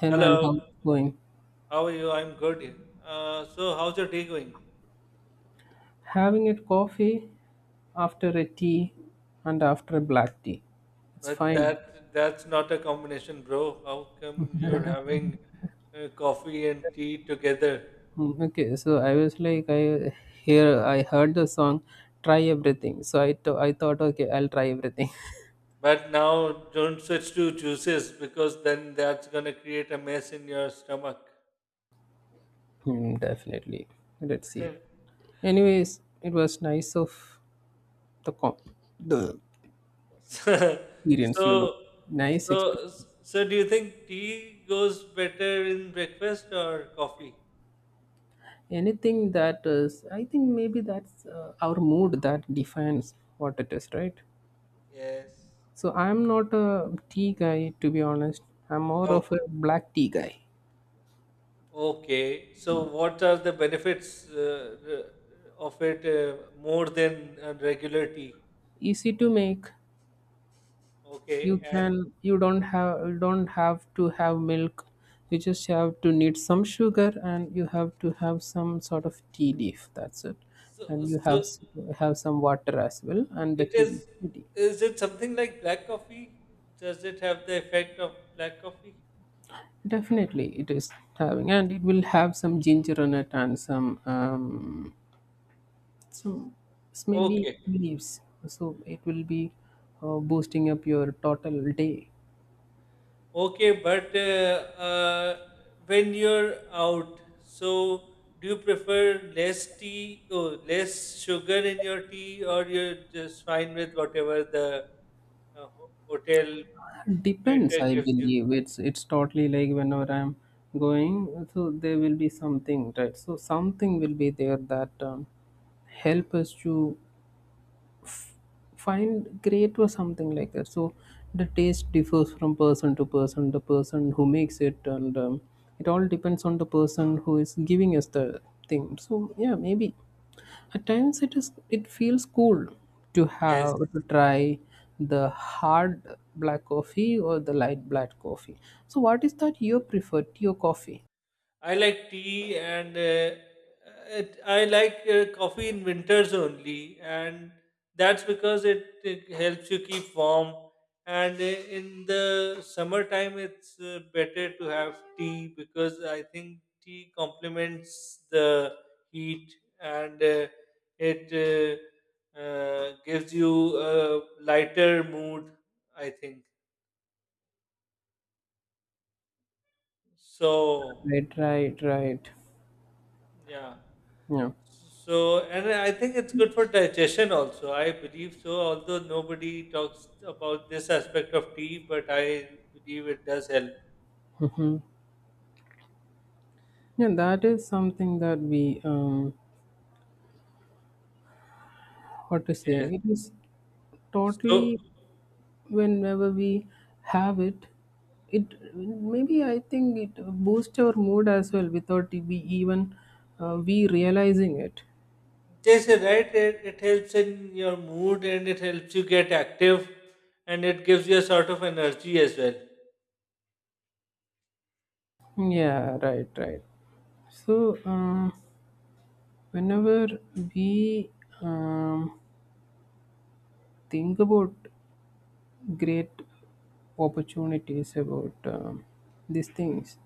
Hey man, Hello, how's it going? how are you? I'm good. So how's your day going? Having a coffee after a tea and after a black tea. It's But fine. that that's not a combination, bro. How come you're having coffee and tea together? Mm, okay, so I was like, I here I heard the song "Try Everything," so I thought, okay, I'll try everything. But now don't switch to juices because then that's gonna create a mess in your stomach. Hmm, definitely. Let's see. Anyways, it was nice of the com the so, experience, so, nice so, experience. so do you think tea goes better in breakfast or coffee? Anything that is, I think maybe that's our mood that defines what it is, right? Yes. So I'm not a tea guy to be honest. I'm more of a black tea guy. Okay, so what are the benefits of it more than regular tea? Easy to make. Okay, You and can you don't have to have milk. You just have to need some sugar and you have to have some sort of tea leaf. That's it. so, And you have so have some water as well, and the it tea is, ready. is it something like black coffee? Does it have the effect of black coffee? Definitely it is having, and it will have some ginger in it and some smelly Okay, leaves, so it will be boosting up your total day. okay, but when you're out, so do you prefer less tea or less sugar in your tea, or you're just fine with whatever the hotel Depends, waiter I gives you. believe. It's totally like whenever I'm going, so there will be something, right? So something will be there that help us to find great or something like that. So the taste differs from person to person, the person who makes it. And it all depends on the person who is giving us the thing. So yeah, maybe at times it feels cool to Yes, have to try the hard black coffee or the light black coffee. So what is that you prefer, tea or coffee? I like tea, and I like coffee in winters only, and that's because it helps you keep warm. And in the summertime, it's better to have tea because I think tea complements the heat, and it gives you a lighter mood. I think so. Right, right, right. Yeah. Yeah. So, and I think it's good for digestion also. I believe so, although nobody talks about this aspect of tea, but I believe it does help. Yeah, that is something that we, what to say, Yes. it is So, totally whenever we have it maybe, I think it boosts our mood as well without we even, we realizing it. they say, right, it helps in your mood, and it helps you get active and it gives you a sort of energy as well. Yeah, right, right. So whenever we, um, think about great opportunities about these things.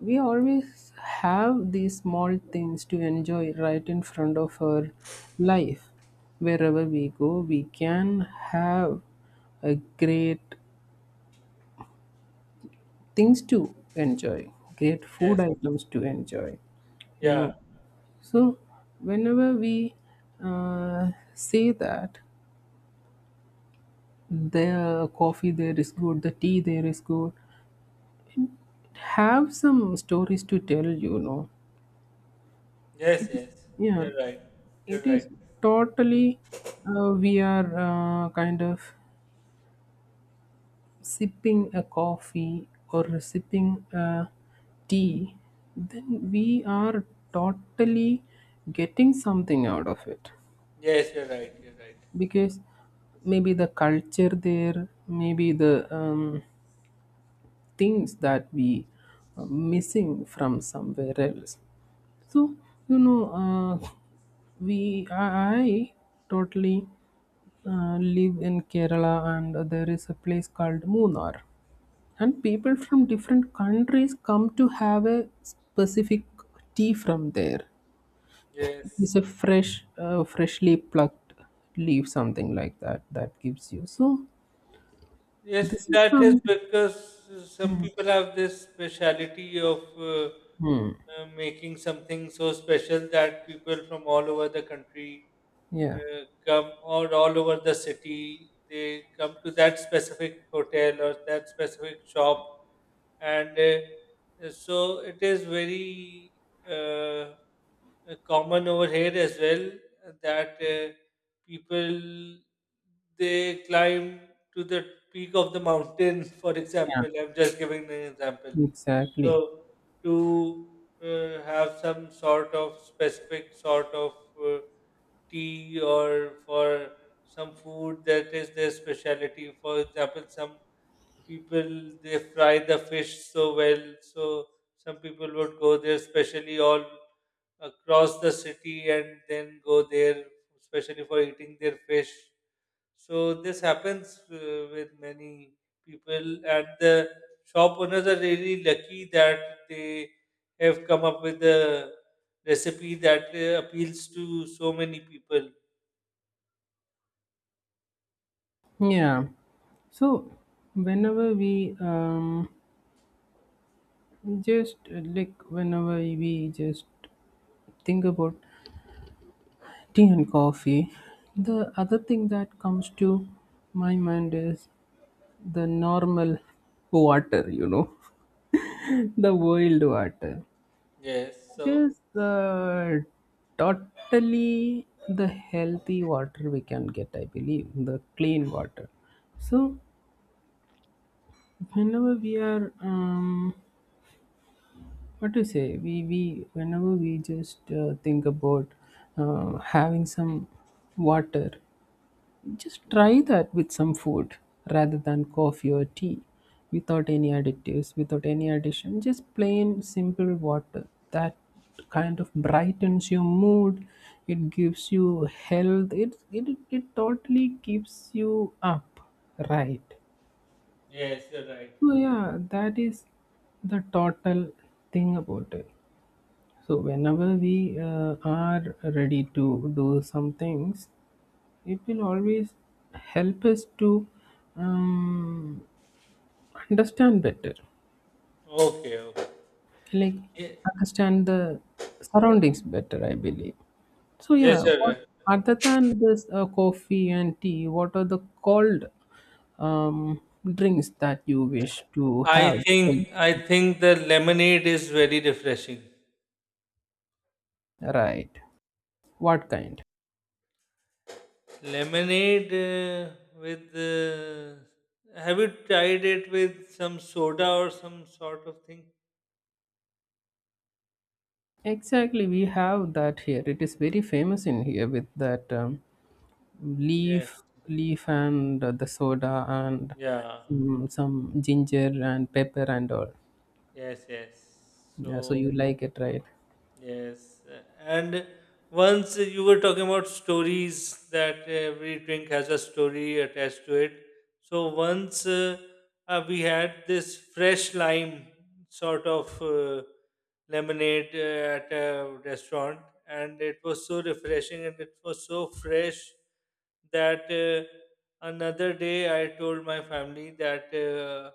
We always have these small things to enjoy right in front of our life. Wherever we go we can have a great things to enjoy, great food Yes. items to enjoy you Yeah. know so whenever we say that the coffee there is good, the tea there is good, have some stories to tell. Yes, yes. Yeah. You're right. It You're right. is totally, we are kind of sipping a coffee or sipping a tea, then we are totally getting something out of it, Yes, you're right. You're right. because maybe the culture there, maybe the things that we are missing from somewhere else. So, you know, uh, we I totally live in Kerala, and there is a place called Munnar, and people from different countries come to have a specific tea from there. It is Yes. a freshly plucked leaf, something like that, that gives you. So, Yes, this is that is some, because some people have this speciality of making something so special that people from all over the country yeah, come, or all over the city. They come to that specific hotel or that specific shop, and so it is very uh, common over here as well that people, they climb to the peak of the mountain. For yeah, example, I'm just giving an example, exactly, so to have some sort of specific sort of uh, tea, or for some food that is their specialty. For example, some people, they fry the fish so well, so some people would go there especially all across the city and then go there especially for eating their fish. So this happens with many people, and the shop owners are really lucky that they have come up with a recipe that appeals to so many people. yeah. So, whenever we Just like whenever we just think about tea and coffee, the other thing that comes to my mind is the normal water, the boiled water. Yes. It So is totally the healthy water we can get, I believe, the clean water. So, whenever we are, what to say, we whenever we just think about having some water, just try that with some food rather than coffee or tea, without any additives, without any addition, just plain simple water that kind of brightens your mood. It gives you health. It totally keeps you up, right? yes, you're right. So Yeah. yeah, that is the total thing about it. So whenever we are ready to do some things, it will always help us to um, understand better, Okay, okay. like Ye- understand the surroundings better. I believe. So yes, yeah, you're what right. other than this coffee and tea, what are the cold um, drinks that you wish to have? I think the lemonade is very refreshing. Right. What kind? Lemonade with have you tried it with some soda or some sort of thing? Exactly, we have that here. It is very famous in here with that leaf Yes. leaf and the soda and Yeah. some ginger and pepper and all. Yes. Yes. Yeah, so So you like it, right? yes, and once you were talking about stories that every drink has a story attached to it. So once we had this fresh lime sort of lemonade at a restaurant, and it was so refreshing and it was so fresh that, another day, I told my family that,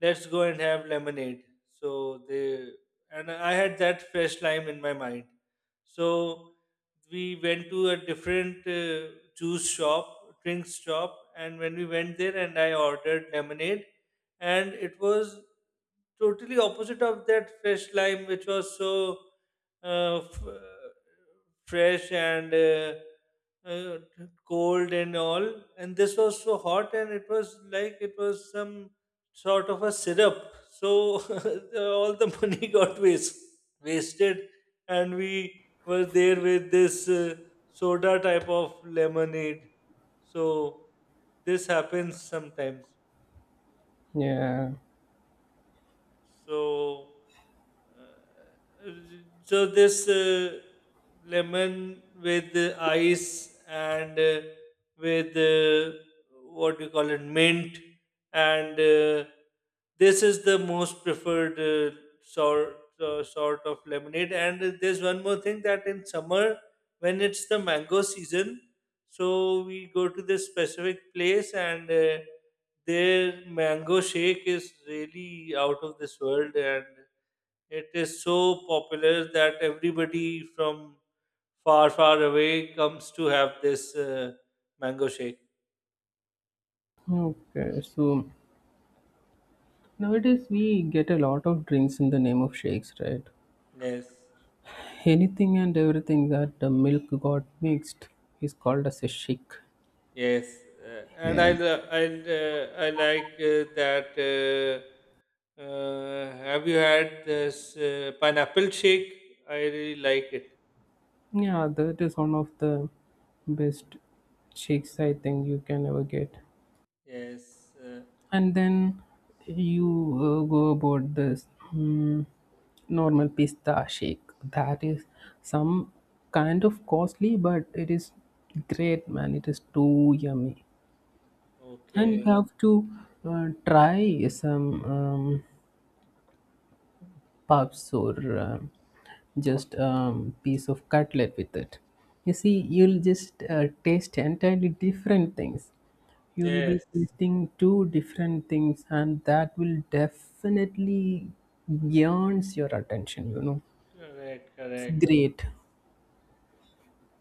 let's go and have lemonade. So they, and I had that fresh lime in my mind. So we went to a different juice shop, drinks shop, and when we went there, and I ordered lemonade, and it was totally opposite of that fresh lime, which was so uh, f- fresh and uh, cold and all. And this was so hot, and it was like it was some sort of a syrup. So all the money got wasted, and we were there with this soda type of lemonade. So this happens sometimes. Yeah, So, uh, this lemon with ice and with what do you call it, mint, and this is the most preferred sort of lemonade. And there's one more thing, that in summer, when it's the mango season, so we go to this specific place. And. Their mango shake is really out of this world, and it is so popular that everybody from far, far away comes to have this mango shake. okay, so nowadays we get a lot of drinks in the name of shakes, right? Yes, Anything and everything that the milk got mixed is called as a shake. yes, uh, and Yeah, I lo- I I like that. Have you had this pineapple shake? I really like it. yeah, that is one of the best shakes I think you can ever get. Yes. And then you go about this mm, normal pista shake. That is some kind of costly, but it is great, man, it is too yummy. And you Okay. have to try some puffs or just piece of cutlet with it. You see, you'll just taste entirely different things. You'll be Yes. tasting two different things, and that will definitely yearns your attention. Correct. It's Correct. great.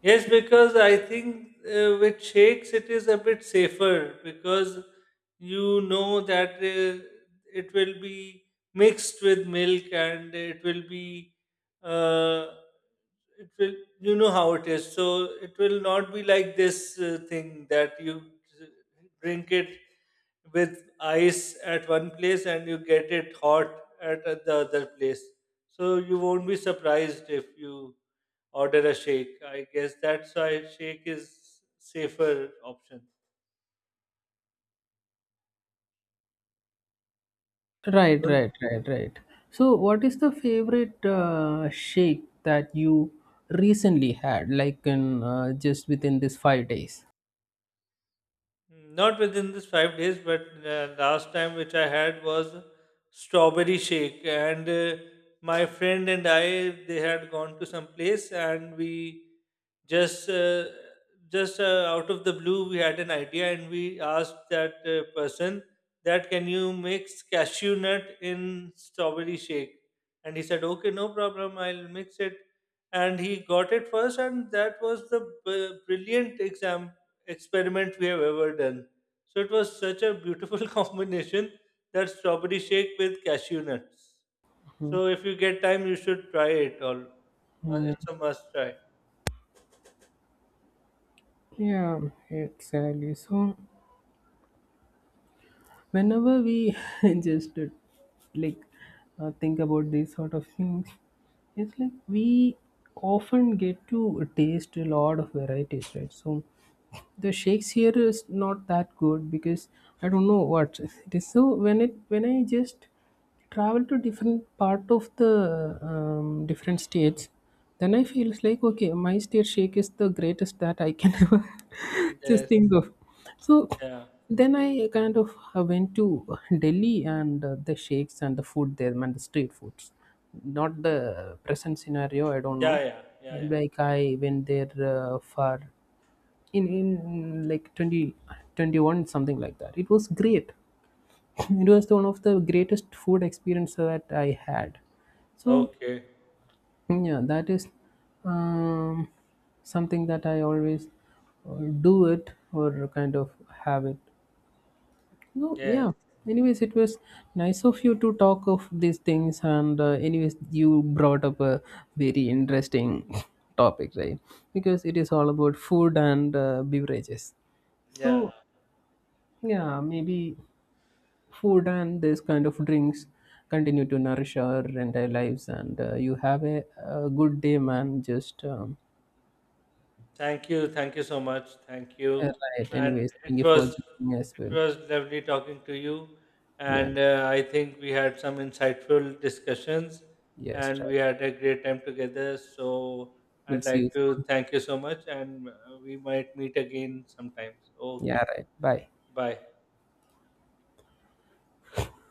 Yes, because I think with shakes it is a bit safer, because you know that it will be mixed with milk, and it will be uh, it will, you know how it is, so it will not be like this thing that you drink it with ice at one place and you get it hot at the other place. So you won't be surprised if you order a shake. I guess that's why shake is safer option. Right, Don't. right, right, right. So what is the favorite shake that you recently had, like, in just within this 5 days? Mm, not within this five days, but last time which I had was strawberry shake, and my friend and I, they had gone to some place, and we just uh, just out of the blue we had an idea, and we asked that person that, can you mix cashew nut in strawberry shake, and he said okay, no problem, I'll mix it, and he got it first, and that was the br- brilliant exam experiment we have ever done. So it was such a beautiful combination, that strawberry shake with cashew nuts. So if you get time, you should try it. All Mm, it's a must try. yeah, exactly. So whenever we just, like, think about these sort of things, it's like we often get to taste a lot of varieties, right? So the shakes here is not that good because I don't know what it is. So when it when I just travel to different part of the, different states, then I feels like, okay, my state shake is the greatest that I can ever just Yes. think of. So Yeah. then I kind of went to Delhi, and the shakes and the food there, and the street foods. Not the present scenario, I don't Yeah. know. Yeah. Yeah. Yeah. Like I went there for in like 2021, something like that, it was great. It was one of the greatest food experience that I had. So Okay. yeah, that is um, something that I always do it or kind of have it. No, yeah. Yes. Anyways, it was nice of you to talk of these things, and anyways, you brought up a very interesting topic, right? Because it is all about food and beverages. Yeah. So, yeah, maybe food and this kind of drinks continue to nourish our entire lives. And you have a good day, man. Just Thank you so much, thank Uh, you, right. and Anyways, thank it you was for joining as it well. was lovely talking to you, Yeah. and I think we had some insightful discussions, Yes, and right. we had a great time together. So We'll I'd see you like to soon. thank you so much, and we might meet again sometime. So, Yeah, okay, right. Bye. bye.